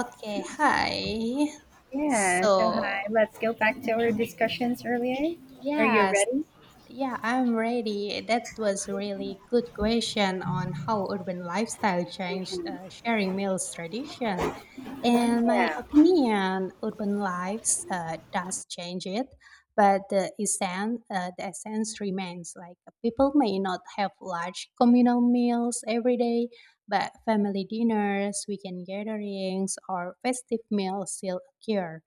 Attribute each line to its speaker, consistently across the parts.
Speaker 1: Okay, hi.
Speaker 2: Yeah,
Speaker 1: So,
Speaker 2: so hi. Let's go back to our discussions earlier. Are you
Speaker 1: yes,
Speaker 2: ready?
Speaker 1: yeah, I'm ready. That was really good question on how urban lifestyle changed sharing meals tradition. In my
Speaker 2: Yeah.
Speaker 1: opinion, urban lives does change it, but the essence remains. Like people may not have large communal meals every day, but family dinners, weekend gatherings, or festive meals still occur.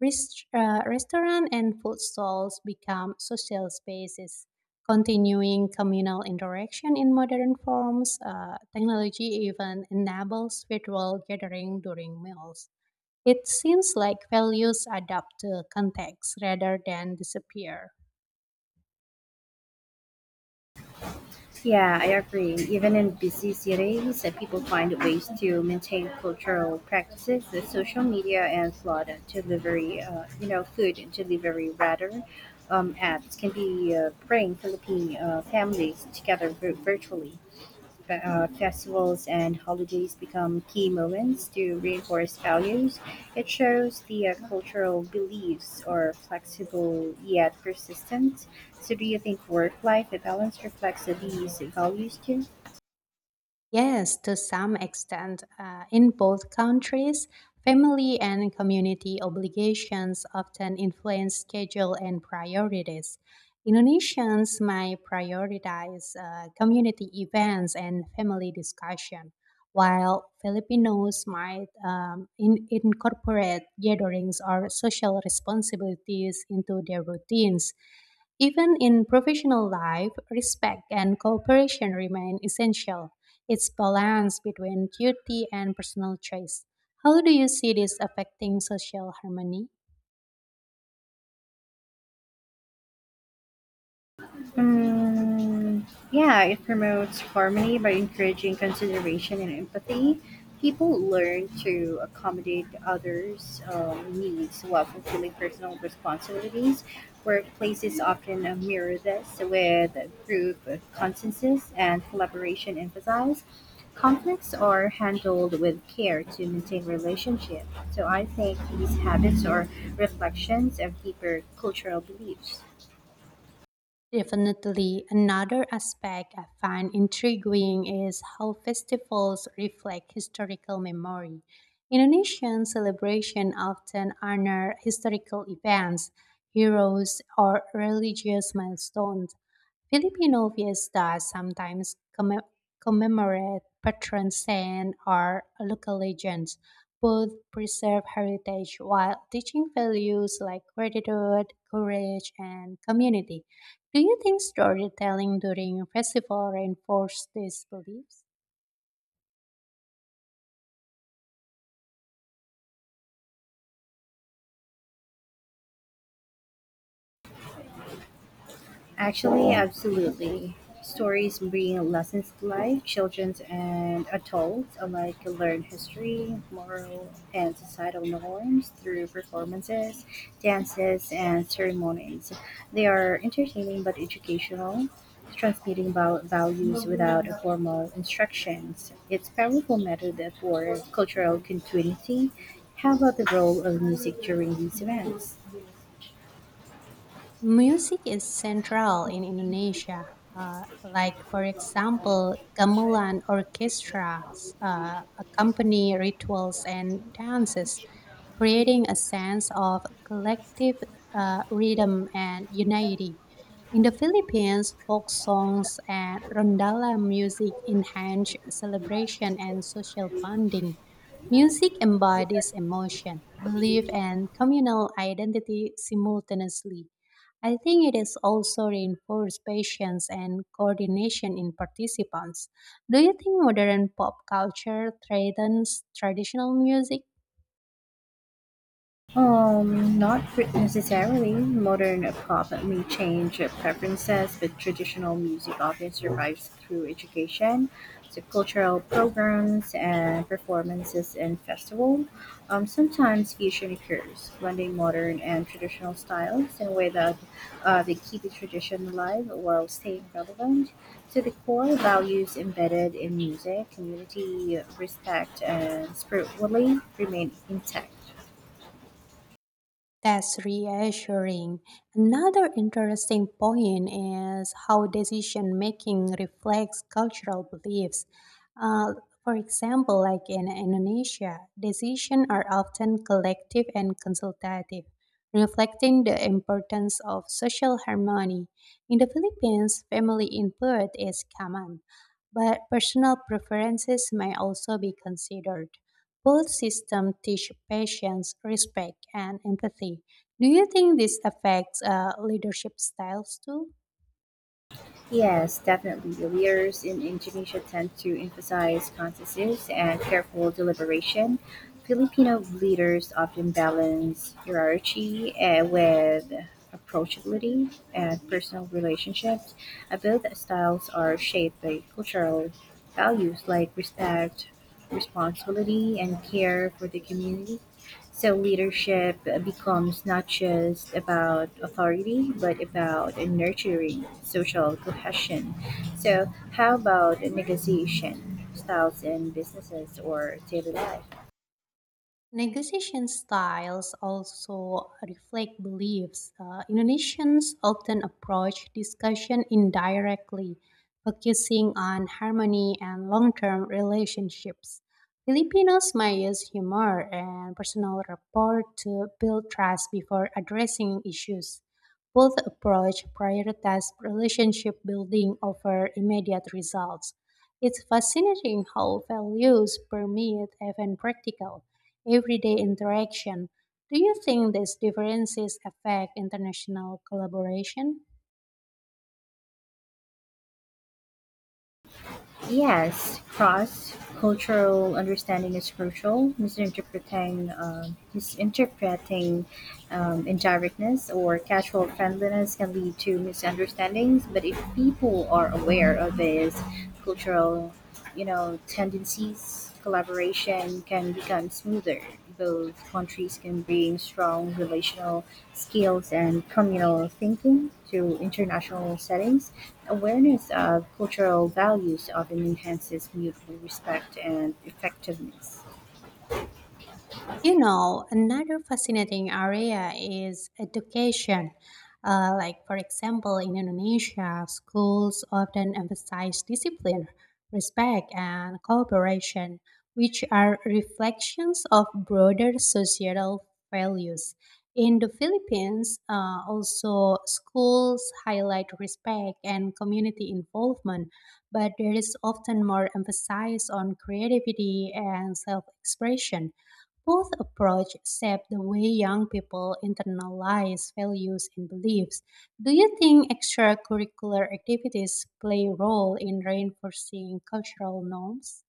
Speaker 1: Restaurant and food stalls become social spaces, continuing communal interaction in modern forms. Technology even enables virtual gathering during meals. It seems like values adapt to context rather than disappear.
Speaker 2: Yeah, I agree. Even in busy cities, people find ways to maintain cultural practices. The social media and food delivery rather, apps can be bring Philippine families together virtually. Festivals and holidays become key moments to reinforce values. It shows the cultural beliefs are flexible yet persistent. So, do you think work life balance reflects these values too?
Speaker 1: Yes, to some extent, in both countries, family and community obligations often influence schedule and priorities. Indonesians might prioritize community events and family discussion, while Filipinos might incorporate gatherings or social responsibilities into their routines. Even in professional life, respect and cooperation remain essential, it's balance between duty and personal choice. How do you see this affecting social harmony?
Speaker 2: Mm, yeah, it promotes harmony by encouraging consideration and empathy. People learn to accommodate others' needs while fulfilling personal responsibilities. Workplaces often mirror this with group consensus and collaboration emphasized. Conflicts are handled with care to maintain relationships. So I think these habits are reflections of deeper cultural beliefs.
Speaker 1: Definitely, another aspect I find intriguing is how festivals reflect historical memory. Indonesian celebration often honor historical events, heroes, or religious milestones. Filipino fiestas sometimes commemorate patron saints or local legends. Both preserve heritage while teaching values like gratitude, courage, and community. Do you think storytelling during festival reinforces these beliefs?
Speaker 2: Actually, absolutely. Stories bring lessons to life. Children and adults alike learn history, moral, and societal norms through performances, dances, and ceremonies. They are entertaining but educational, transmitting values without formal instructions. It's a powerful method for cultural continuity. How about the role of music during these events?
Speaker 1: Music is central in Indonesia. Like, for example, gamelan orchestras accompany rituals and dances, creating a sense of collective rhythm and unity. In the Philippines, folk songs and rondalla music enhance celebration and social bonding. Music embodies emotion, belief, and communal identity simultaneously. I think it is also reinforced patience and coordination in participants. Do you think modern pop culture threatens traditional music?
Speaker 2: Not necessarily. Modern pop may change preferences, but traditional music often survives through education, so cultural programs and performances and festivals. Sometimes fusion occurs, blending modern and traditional styles in a way that they keep the tradition alive while staying relevant. So the core values embedded in music, community, respect, and spiritually remain intact.
Speaker 1: That's reassuring. Another interesting point is how decision making reflects cultural beliefs. Uh, for example, like in Indonesia, decisions are often collective and consultative, reflecting the importance of social harmony. In the Philippines, family input is common, but personal preferences may also be considered. Both systems teach patience, respect, and empathy. Do you think this affects leadership styles too?
Speaker 2: Yes, definitely. The leaders in Indonesia tend to emphasize consensus and careful deliberation. Filipino leaders often balance hierarchy with approachability and personal relationships. Both styles are shaped by cultural values like respect, responsibility, and care for the community. So leadership becomes not just about authority, but about nurturing social cohesion. So, how about negotiation styles in businesses or daily life?
Speaker 1: Negotiation styles also reflect beliefs. Indonesians often approach discussion indirectly, focusing on harmony and long term relationships. Filipinos may use humor and personal rapport to build trust before addressing issues. Both approach prioritize relationship building over immediate results. It's fascinating how values permeate even practical everyday interaction. Do you think these differences affect international collaboration?
Speaker 2: Yes, cross cultural understanding is crucial. Misinterpreting indirectness or casual friendliness can lead to misunderstandings. But if people are aware of these cultural you know, tendencies, collaboration can become smoother. Both countries can bring strong relational skills and communal thinking to international settings. Awareness of cultural values often enhances mutual respect and effectiveness.
Speaker 1: You know, another fascinating area is education. Like, for example, in Indonesia, schools often emphasize discipline, respect, and cooperation, which are reflections of broader societal values. In the Philippines, also schools highlight respect and community involvement, but there is often more emphasis on creativity and self expression. Both approaches shape the way young people internalize values and beliefs. Do you think extracurricular activities play a role in reinforcing cultural norms?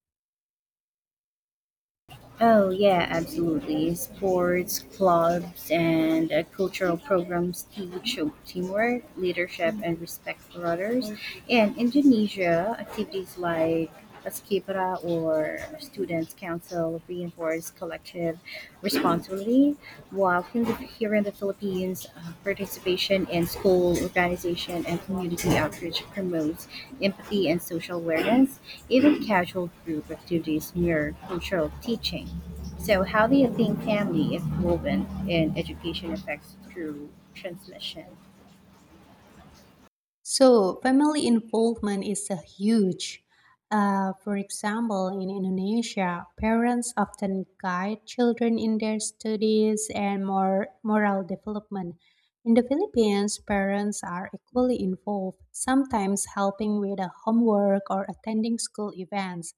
Speaker 2: Oh, yeah, absolutely. Sports, clubs, and cultural programs teach teamwork, leadership, and respect for others. In Indonesia, activities like Paskibra or Students' Council reinforce collective responsibility, Here in the Philippines, participation in school organization and community outreach promotes empathy and social awareness. Even casual group activities mirror cultural teaching. So, how do you think family is woven in education affects through transmission?
Speaker 1: So, family involvement is a huge. For example, in Indonesia, parents often guide children in their studies and more moral development. In the Philippines, parents are equally involved, sometimes helping with the homework or attending school events.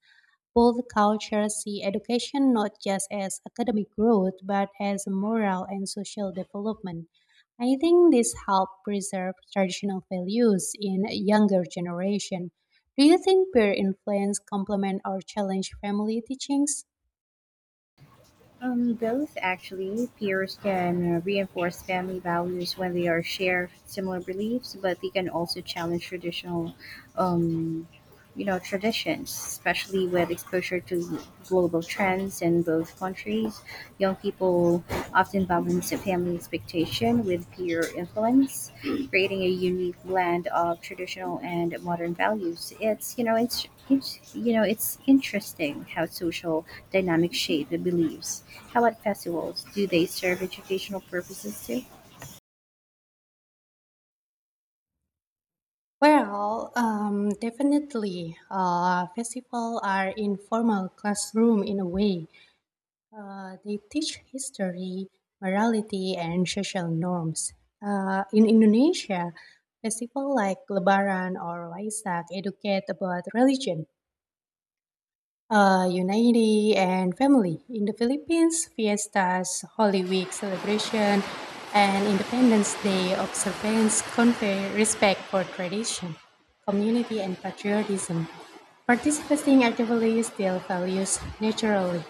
Speaker 1: Both cultures see education not just as academic growth, but as moral and social development. I think this helps preserve traditional values in a younger generation. Do you think peer influence complement or challenge family teachings?
Speaker 2: Both actually. Peers can reinforce family values when they are share similar beliefs, but they can also challenge traditional um, traditions, especially with exposure to global trends. In both countries young people often balance the family expectation with peer influence, creating a unique blend of traditional and modern values. It's you know it's it's you know it's interesting how social dynamics shape the beliefs. How about festivals, do they serve educational purposes too?
Speaker 1: Well, definitely, festivals are informal classroom in a way. They teach history, morality, and social norms. In Indonesia, festivals like Lebaran or Waisak educate about religion, unity and family. In the Philippines, fiestas, Holy Week celebration, and Independence Day observance convey respect for tradition, community, and patriotism. Participating actively still values naturally.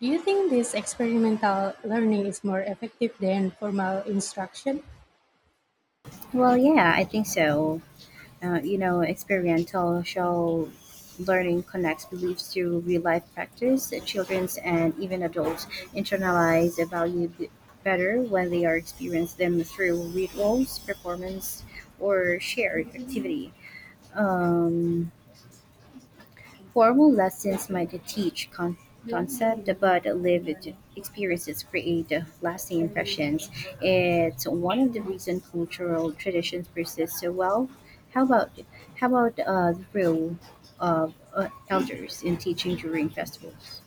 Speaker 1: Do you think this experimental learning is more effective than formal instruction?
Speaker 2: Well, yeah, I think so. Experiential show learning connects beliefs to real life practice. Children's and even adults internalize a better when they are experienced them through rituals, performance, or shared activity. Um, Formal lessons might teach concepts, but lived experiences create lasting impressions. It's one of the reasons cultural traditions persist so well. How about how about the role of elders in teaching during festivals?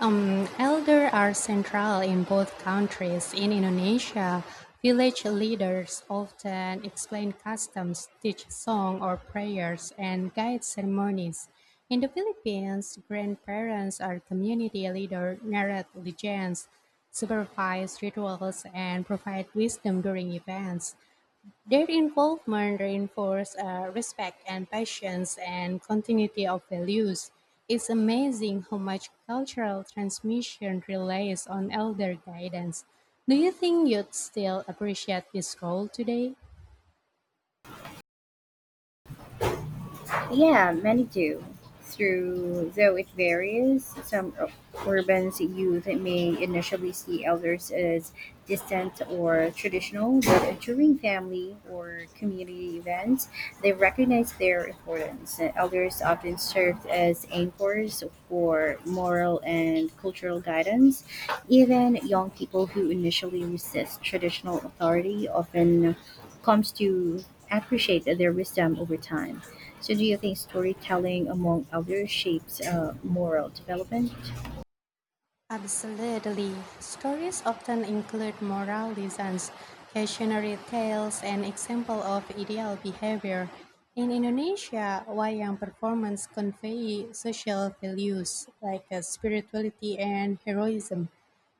Speaker 1: Elder are central in both countries. In Indonesia, village leaders often explain customs, teach song or prayers, and guide ceremonies. In the Philippines, grandparents are community leaders, narrate legends, supervise rituals, and provide wisdom during events. Their involvement reinforced respect and patience and continuity of values. It's amazing how much cultural transmission relies on elder guidance. Do you think you'd still appreciate this role today?
Speaker 2: Yeah, many do. Through though it varies, some urban youth may initially see elders as distant or traditional, but during family or community events, they recognize their importance. Elders often served as anchors for moral and cultural guidance. Even young people who initially resist traditional authority often comes to appreciate their wisdom over time. So, do you think storytelling among elders shapes moral development?
Speaker 1: Absolutely. Stories often include moral lessons, cautionary tales, and example of ideal behavior. In Indonesia, wayang performance convey social values like spirituality and heroism.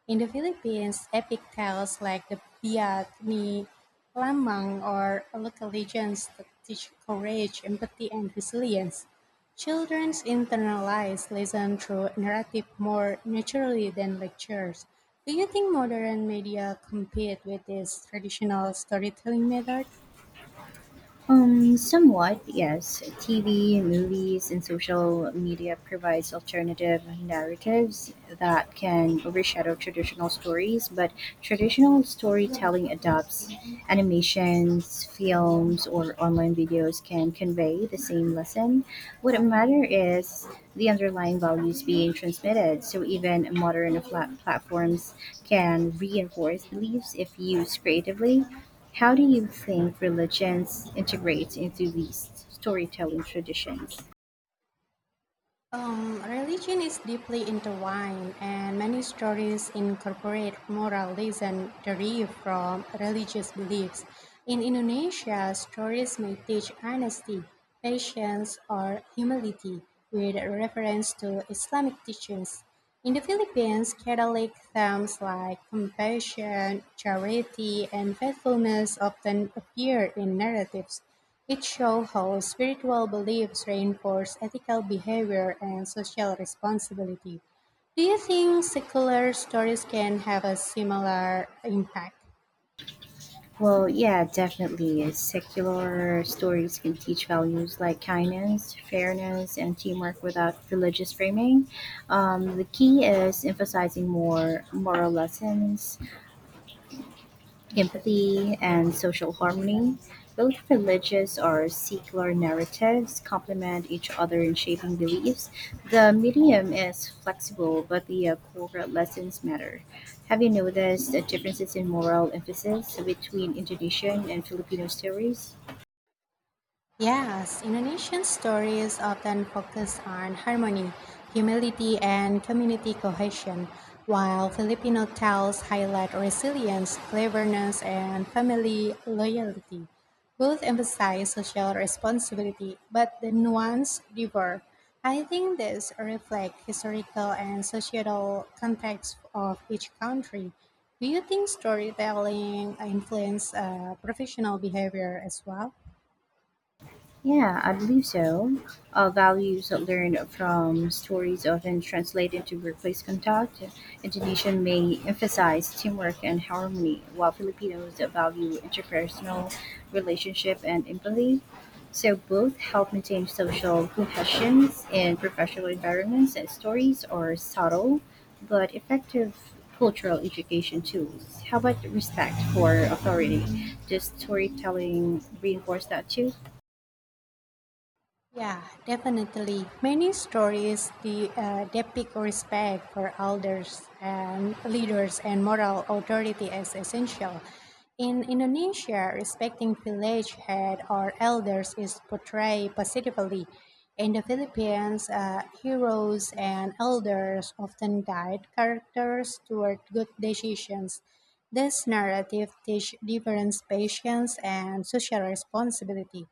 Speaker 1: In the Philippines, epic tales like the Biak Ni Lamang or local legends that teach courage, empathy, and resilience. Children internalize lessons through narrative more naturally than lectures. Do you think modern media compete with this traditional storytelling method?
Speaker 2: Somewhat, yes. TV, movies, and social media provides alternative narratives that can overshadow traditional stories, but traditional storytelling adopts animations, films, or online videos can convey the same lesson. What matter is the underlying values being transmitted. So even modern flat platforms can reinforce beliefs if used creatively. How do you think religions integrate into these storytelling traditions?
Speaker 1: Religion is deeply intertwined, and many stories incorporate moral lessons derived from religious beliefs. In Indonesia, stories may teach honesty, patience, or humility with reference to Islamic teachings. In the Philippines, Catholic themes like compassion, charity, and faithfulness often appear in narratives. It shows how spiritual beliefs reinforce ethical behavior and social responsibility. Do you think secular stories can have a similar impact?
Speaker 2: Well, yeah, definitely. Secular stories can teach values like kindness, fairness, and teamwork without religious framing. The key is emphasizing more moral lessons, empathy, and social harmony. Both religious or secular narratives complement each other in shaping beliefs. The medium is flexible, but the core lessons matter. Have you noticed the differences in moral emphasis between Indonesian and Filipino stories?
Speaker 1: Yes, Indonesian stories often focus on harmony, humility, and community cohesion, while Filipino tales highlight resilience, cleverness, and family loyalty. Both emphasize social responsibility, but the nuance differ. I think this reflects historical and societal context of each country. Do you think storytelling influences professional behavior as well?
Speaker 2: Yeah, I believe so. Values learned from stories often translate into workplace conduct. Indonesian may emphasize teamwork and harmony, while Filipinos value interpersonal relationship and empathy. So both help maintain social cohesions in professional environments, and stories are subtle but effective cultural education tools. How about respect for authority? Does storytelling reinforce that too?
Speaker 1: Yeah, definitely. Many stories depict respect for elders and leaders and moral authority as essential. In Indonesia, respecting village head or elders is portrayed positively. In the Philippines, heroes and elders often guide characters toward good decisions. This narrative teaches difference, patience, and social responsibility.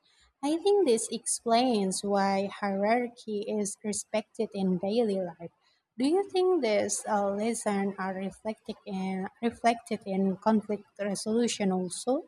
Speaker 1: I think this explains why hierarchy is respected in daily life. Do you think these lessons are reflected in, reflected in conflict resolution also?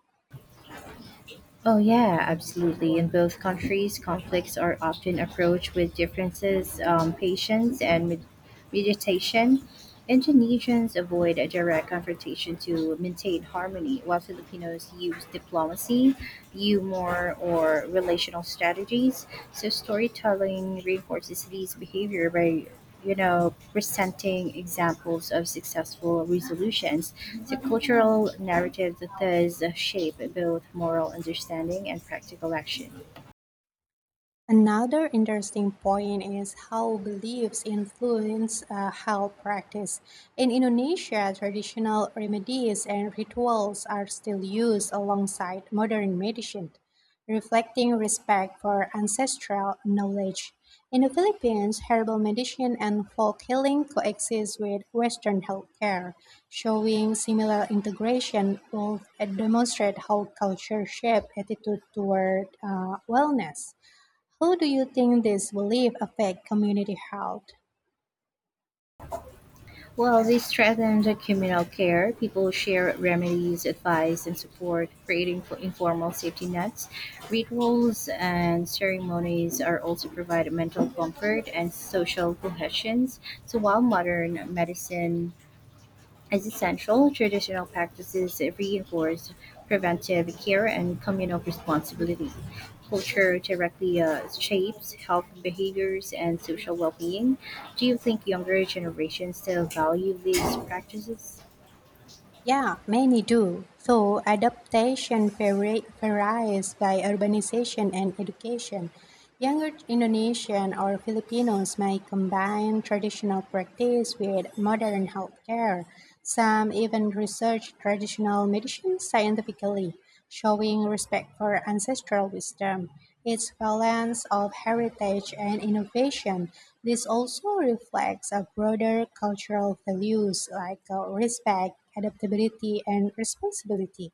Speaker 2: Oh, yeah, absolutely. In both countries, conflicts are often approached with differences, patience, and meditation. Indonesians avoid a direct confrontation to maintain harmony, while Filipinos use diplomacy, humor, or relational strategies. So, storytelling reinforces these behavior by presenting examples of successful resolutions. The cultural narrative that does shape both moral understanding and practical action.
Speaker 1: Another interesting point is how beliefs influence health practice. In Indonesia, traditional remedies and rituals are still used alongside modern medicine, reflecting respect for ancestral knowledge. In the Philippines, herbal medicine and folk healing coexist with Western healthcare, showing similar integration will demonstrate how culture shape attitude toward wellness. How do you think this belief affect community health?
Speaker 2: Well, they strengthen the communal care. People share remedies, advice, and support, creating for informal safety nets. Rituals and ceremonies are also provide mental comfort and social cohesions. So while modern medicine as essential, traditional practices reinforce preventive care and communal responsibility. Culture directly shapes health behaviors and social well being. Do you think younger generations still value these practices?
Speaker 1: Yeah, many do. So adaptation varies by urbanization and education. Younger Indonesian or Filipinos might combine traditional practice with modern healthcare. Some even research traditional medicine scientifically. Showing respect for ancestral wisdom, its balance of heritage and innovation, this also reflects a broader cultural values like respect, adaptability, and responsibility.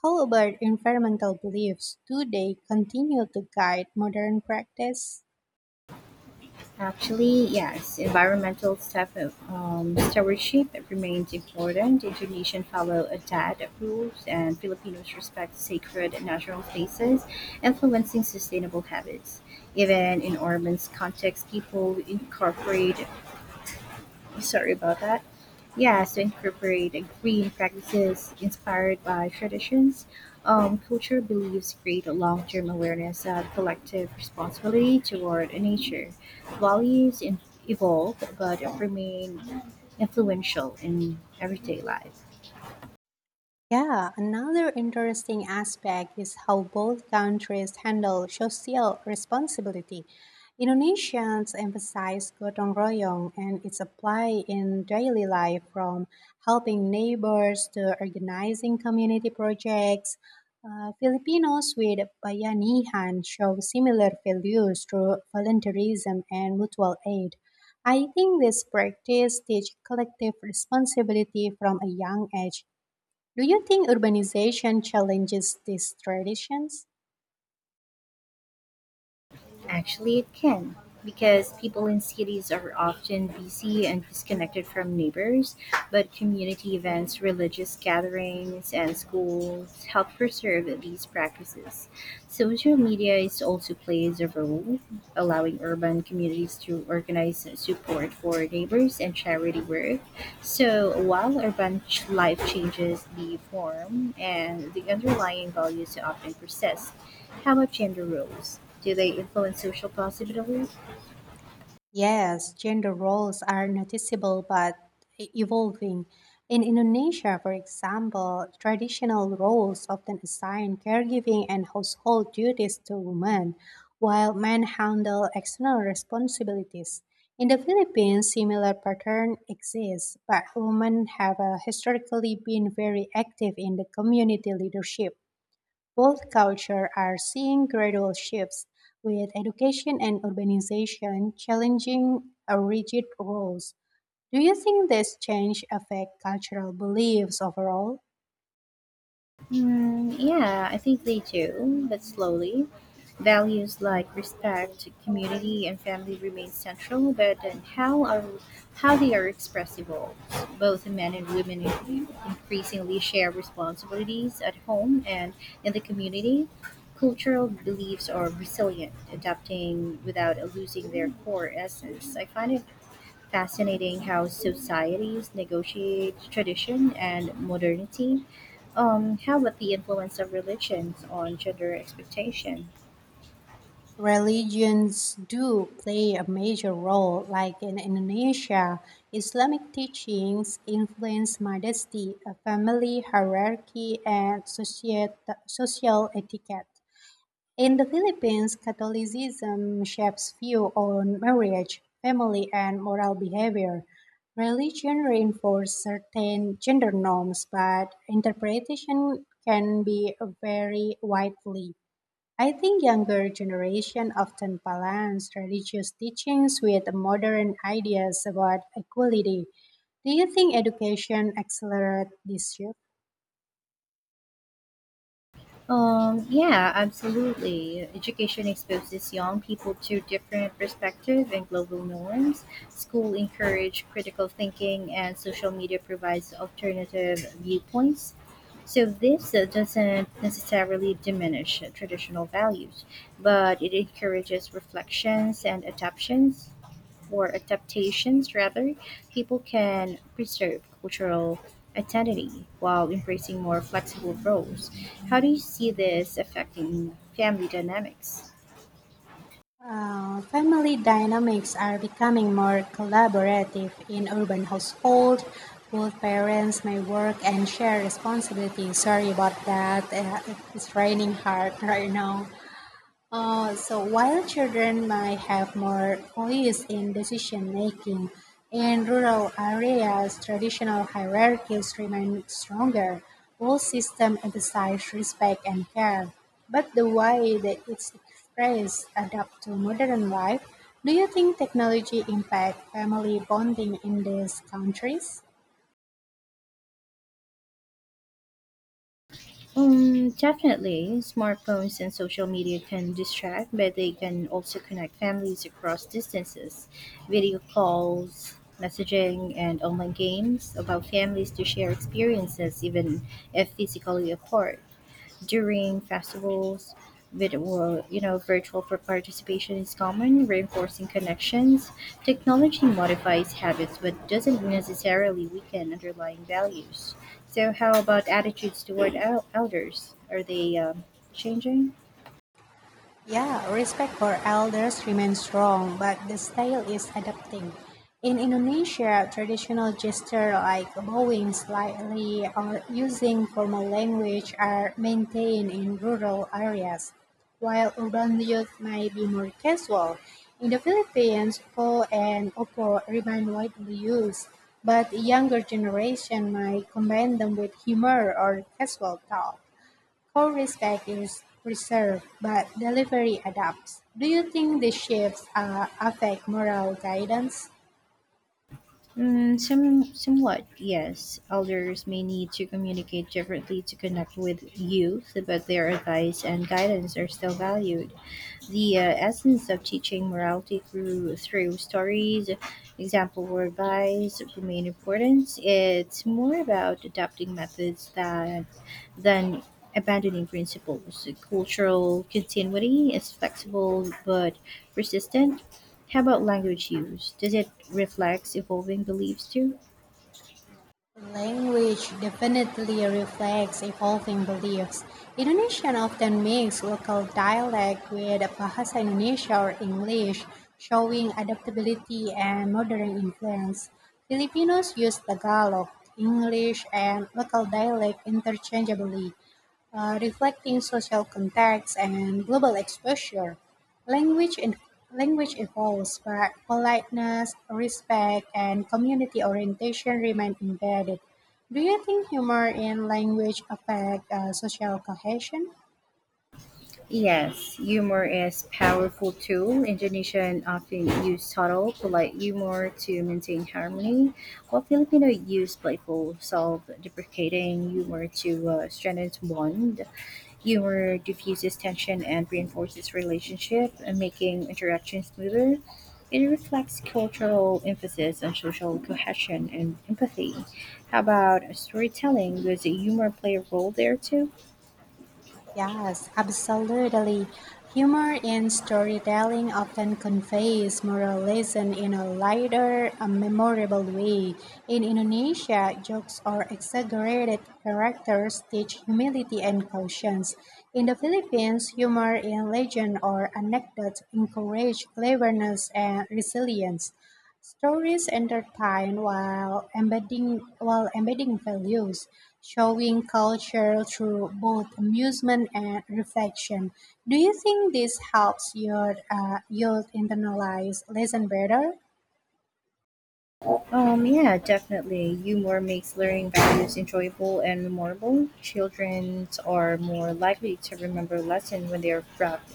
Speaker 1: How about environmental beliefs? Do they continue to guide modern practice?
Speaker 2: Actually, yes, environmental stewardship remains important. Indonesians follow a DAD rules, and Filipinos respect sacred natural spaces, influencing sustainable habits. Even in urban contexts, people incorporate sorry about that. Yeah, so incorporating green practices inspired by traditions. Culture beliefs create a long term awareness of collective responsibility toward nature. Values in, evolve but remain influential in everyday life.
Speaker 1: Yeah, another interesting aspect is how both countries handle social responsibility. Indonesians emphasize gotong royong and its apply in daily life from helping neighbors to organizing community projects. Filipinos with bayanihan show similar values through volunteerism and mutual aid. I think this practice teach collective responsibility from a young age. Do you think urbanization challenges these traditions?
Speaker 2: Actually, it can, because people in cities are often busy and disconnected from neighbors, but community events, religious gatherings, and schools help preserve these practices. Social media is also plays a role, allowing urban communities to organize support for neighbors and charity work. So, while urban life changes the form and the underlying values often persist. How about gender roles? Do they influence social positively?
Speaker 1: Yes, gender roles are noticeable but evolving. In Indonesia, for example, traditional roles often assign caregiving and household duties to women, while men handle external responsibilities. In the Philippines, similar pattern exists, but women have historically been very active in the community leadership. Both cultures are seeing gradual shifts, with education and urbanization challenging a rigid rules. Do you think this change affect cultural beliefs overall?
Speaker 2: Yeah, I think they do, but slowly. Values like respect, community, and family remain central, but then how they are expressed evolves. Both men and women increasingly share responsibilities at home and in the community. Cultural beliefs are resilient, adapting without losing their core essence. I find it fascinating how societies negotiate tradition and modernity. How about the influence of religions on gender expectation?
Speaker 1: Religions do play a major role, like in Indonesia, Islamic teachings influence modesty, a family hierarchy, and social etiquette. In the Philippines, Catholicism shapes view on marriage, family, and moral behavior. Religion reinforces certain gender norms, but interpretation can be very widely. I think younger generation often balance religious teachings with modern ideas about equality. Do you think education accelerates this shift?
Speaker 2: Yeah, absolutely. Education exposes young people to different perspectives and global norms. School encourage critical thinking, and social media provides alternative viewpoints. So this doesn't necessarily diminish traditional values, but it encourages reflections and adaptations rather, people can preserve cultural identity while embracing more flexible roles. How do you see this affecting family dynamics?
Speaker 1: Family dynamics are becoming more collaborative in urban households. Both parents may work and share responsibilities. Sorry about that. It's raining hard right now. So while children might have more voice in decision making, in rural areas, traditional hierarchies remain stronger. All systems emphasize respect and care, but the way that it's expressed adapt to modern life. Do you think technology impact family bonding in these countries?
Speaker 2: Definitely, smartphones and social media can distract, but they can also connect families across distances. Video calls, messaging, and online games allow families to share experiences even if physically apart. During festivals. Virtual for participation is common, reinforcing connections. Technology modifies habits but doesn't necessarily weaken underlying values. So, how about attitudes toward elders? Are they changing?
Speaker 1: Yeah, respect for elders remains strong, but the style is adapting. In Indonesia, traditional gestures like bowing slightly or using formal language are maintained in rural areas, while urban youth may be more casual. In the Philippines, po and opo remain widely used, but younger generation might combine them with humor or casual talk. Co-respect is preserved, but delivery adapts. Do you think these shifts affect moral guidance?
Speaker 2: Somewhat, yes. Elders may need to communicate differently to connect with youth, but their advice and guidance are still valued. The essence of teaching morality through stories, example, or advice remain important. It's more about adapting methods that than abandoning principles. Cultural continuity is flexible but persistent. How about language use, does it reflect evolving beliefs too?
Speaker 1: Language definitely reflects evolving beliefs. Indonesian often makes local dialect with Bahasa Indonesia or English, showing adaptability and modern influence. Filipinos use Tagalog, English, and local dialect interchangeably, reflecting social context and global exposure. Language in, Language evolves, but politeness, respect, and community orientation remain embedded. Do you think humor in language affect social cohesion?
Speaker 2: Yes, humor is powerful tool. Indonesian often use subtle, polite humor to maintain harmony, while Filipino use playful, self-deprecating humor to strengthen bond. Humor diffuses tension and reinforces relationship, making interactions smoother. It reflects cultural emphasis on social cohesion and empathy. How about storytelling? Does humor play a role there too?
Speaker 1: Yes, absolutely. Humor in storytelling often conveys moral lesson in a lighter, a memorable way. In Indonesia, jokes or exaggerated characters teach humility and caution. In the Philippines, humor in legend or anecdote encourage cleverness and resilience. Stories entertain while embedding values, showing culture through both amusement and reflection. Do you think this helps your youth internalize lesson better?
Speaker 2: Yeah, definitely. Humor makes learning values enjoyable and memorable. Children are more likely to remember lessons when they are wrapped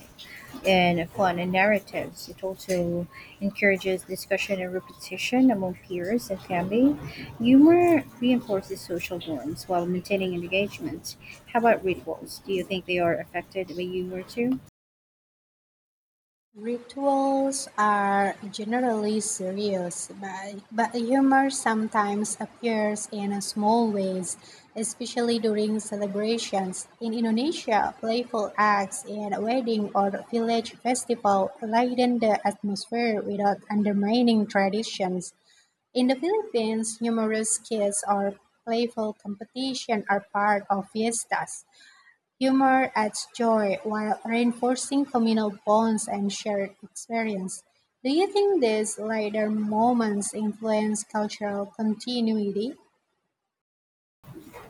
Speaker 2: and fun and narratives. It also encourages discussion and repetition among peers and family. Humor reinforces social norms while maintaining engagement. How about rituals? Do you think they are affected by humor too?
Speaker 1: Rituals are generally serious, but humor sometimes appears in small ways, especially during celebrations. In Indonesia, playful acts in a wedding or village festival lighten the atmosphere without undermining traditions. In the Philippines, humorous skits or playful competition are part of fiestas. Humor adds joy while reinforcing communal bonds and shared experience. Do you think these lighter moments influence cultural continuity?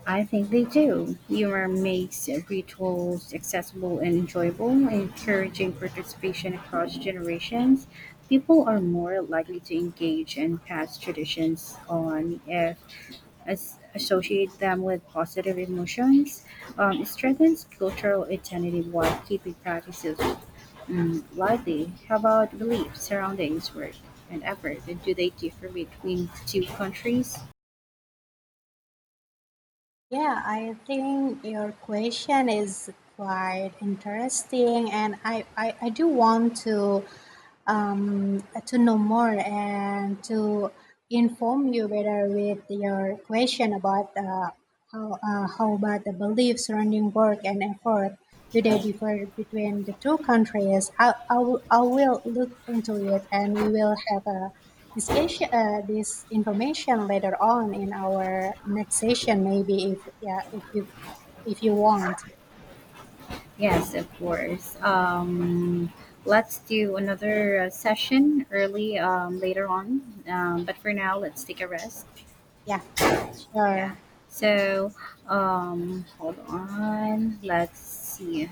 Speaker 2: I think they do. Humor makes rituals accessible and enjoyable, encouraging participation across generations. People are more likely to engage in past traditions on if as associate them with positive emotions. It strengthens cultural identity while keeping practices lively. How about beliefs, surroundings, work, and effort? And do they differ between two countries?
Speaker 1: Yeah, I think your question is quite interesting, and I do want to know more and to inform you better with your question about how about the beliefs surrounding work and effort. Do they differ between the two countries? I will look into it and we will have a discussion, this information later on in our next session, maybe if you want.
Speaker 2: Yes, of course. Let's do another session early later on. But for now, let's take a rest.
Speaker 1: Yeah, sure.
Speaker 2: Yeah. So, hold on. Let's see.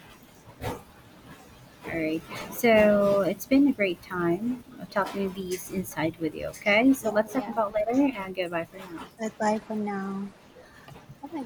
Speaker 2: All right. So, it's been a great time talking these inside with you. Okay. So,
Speaker 1: Yeah,
Speaker 2: let's talk
Speaker 1: yeah.
Speaker 2: about later and goodbye for now.
Speaker 1: Bye bye for now. Oh my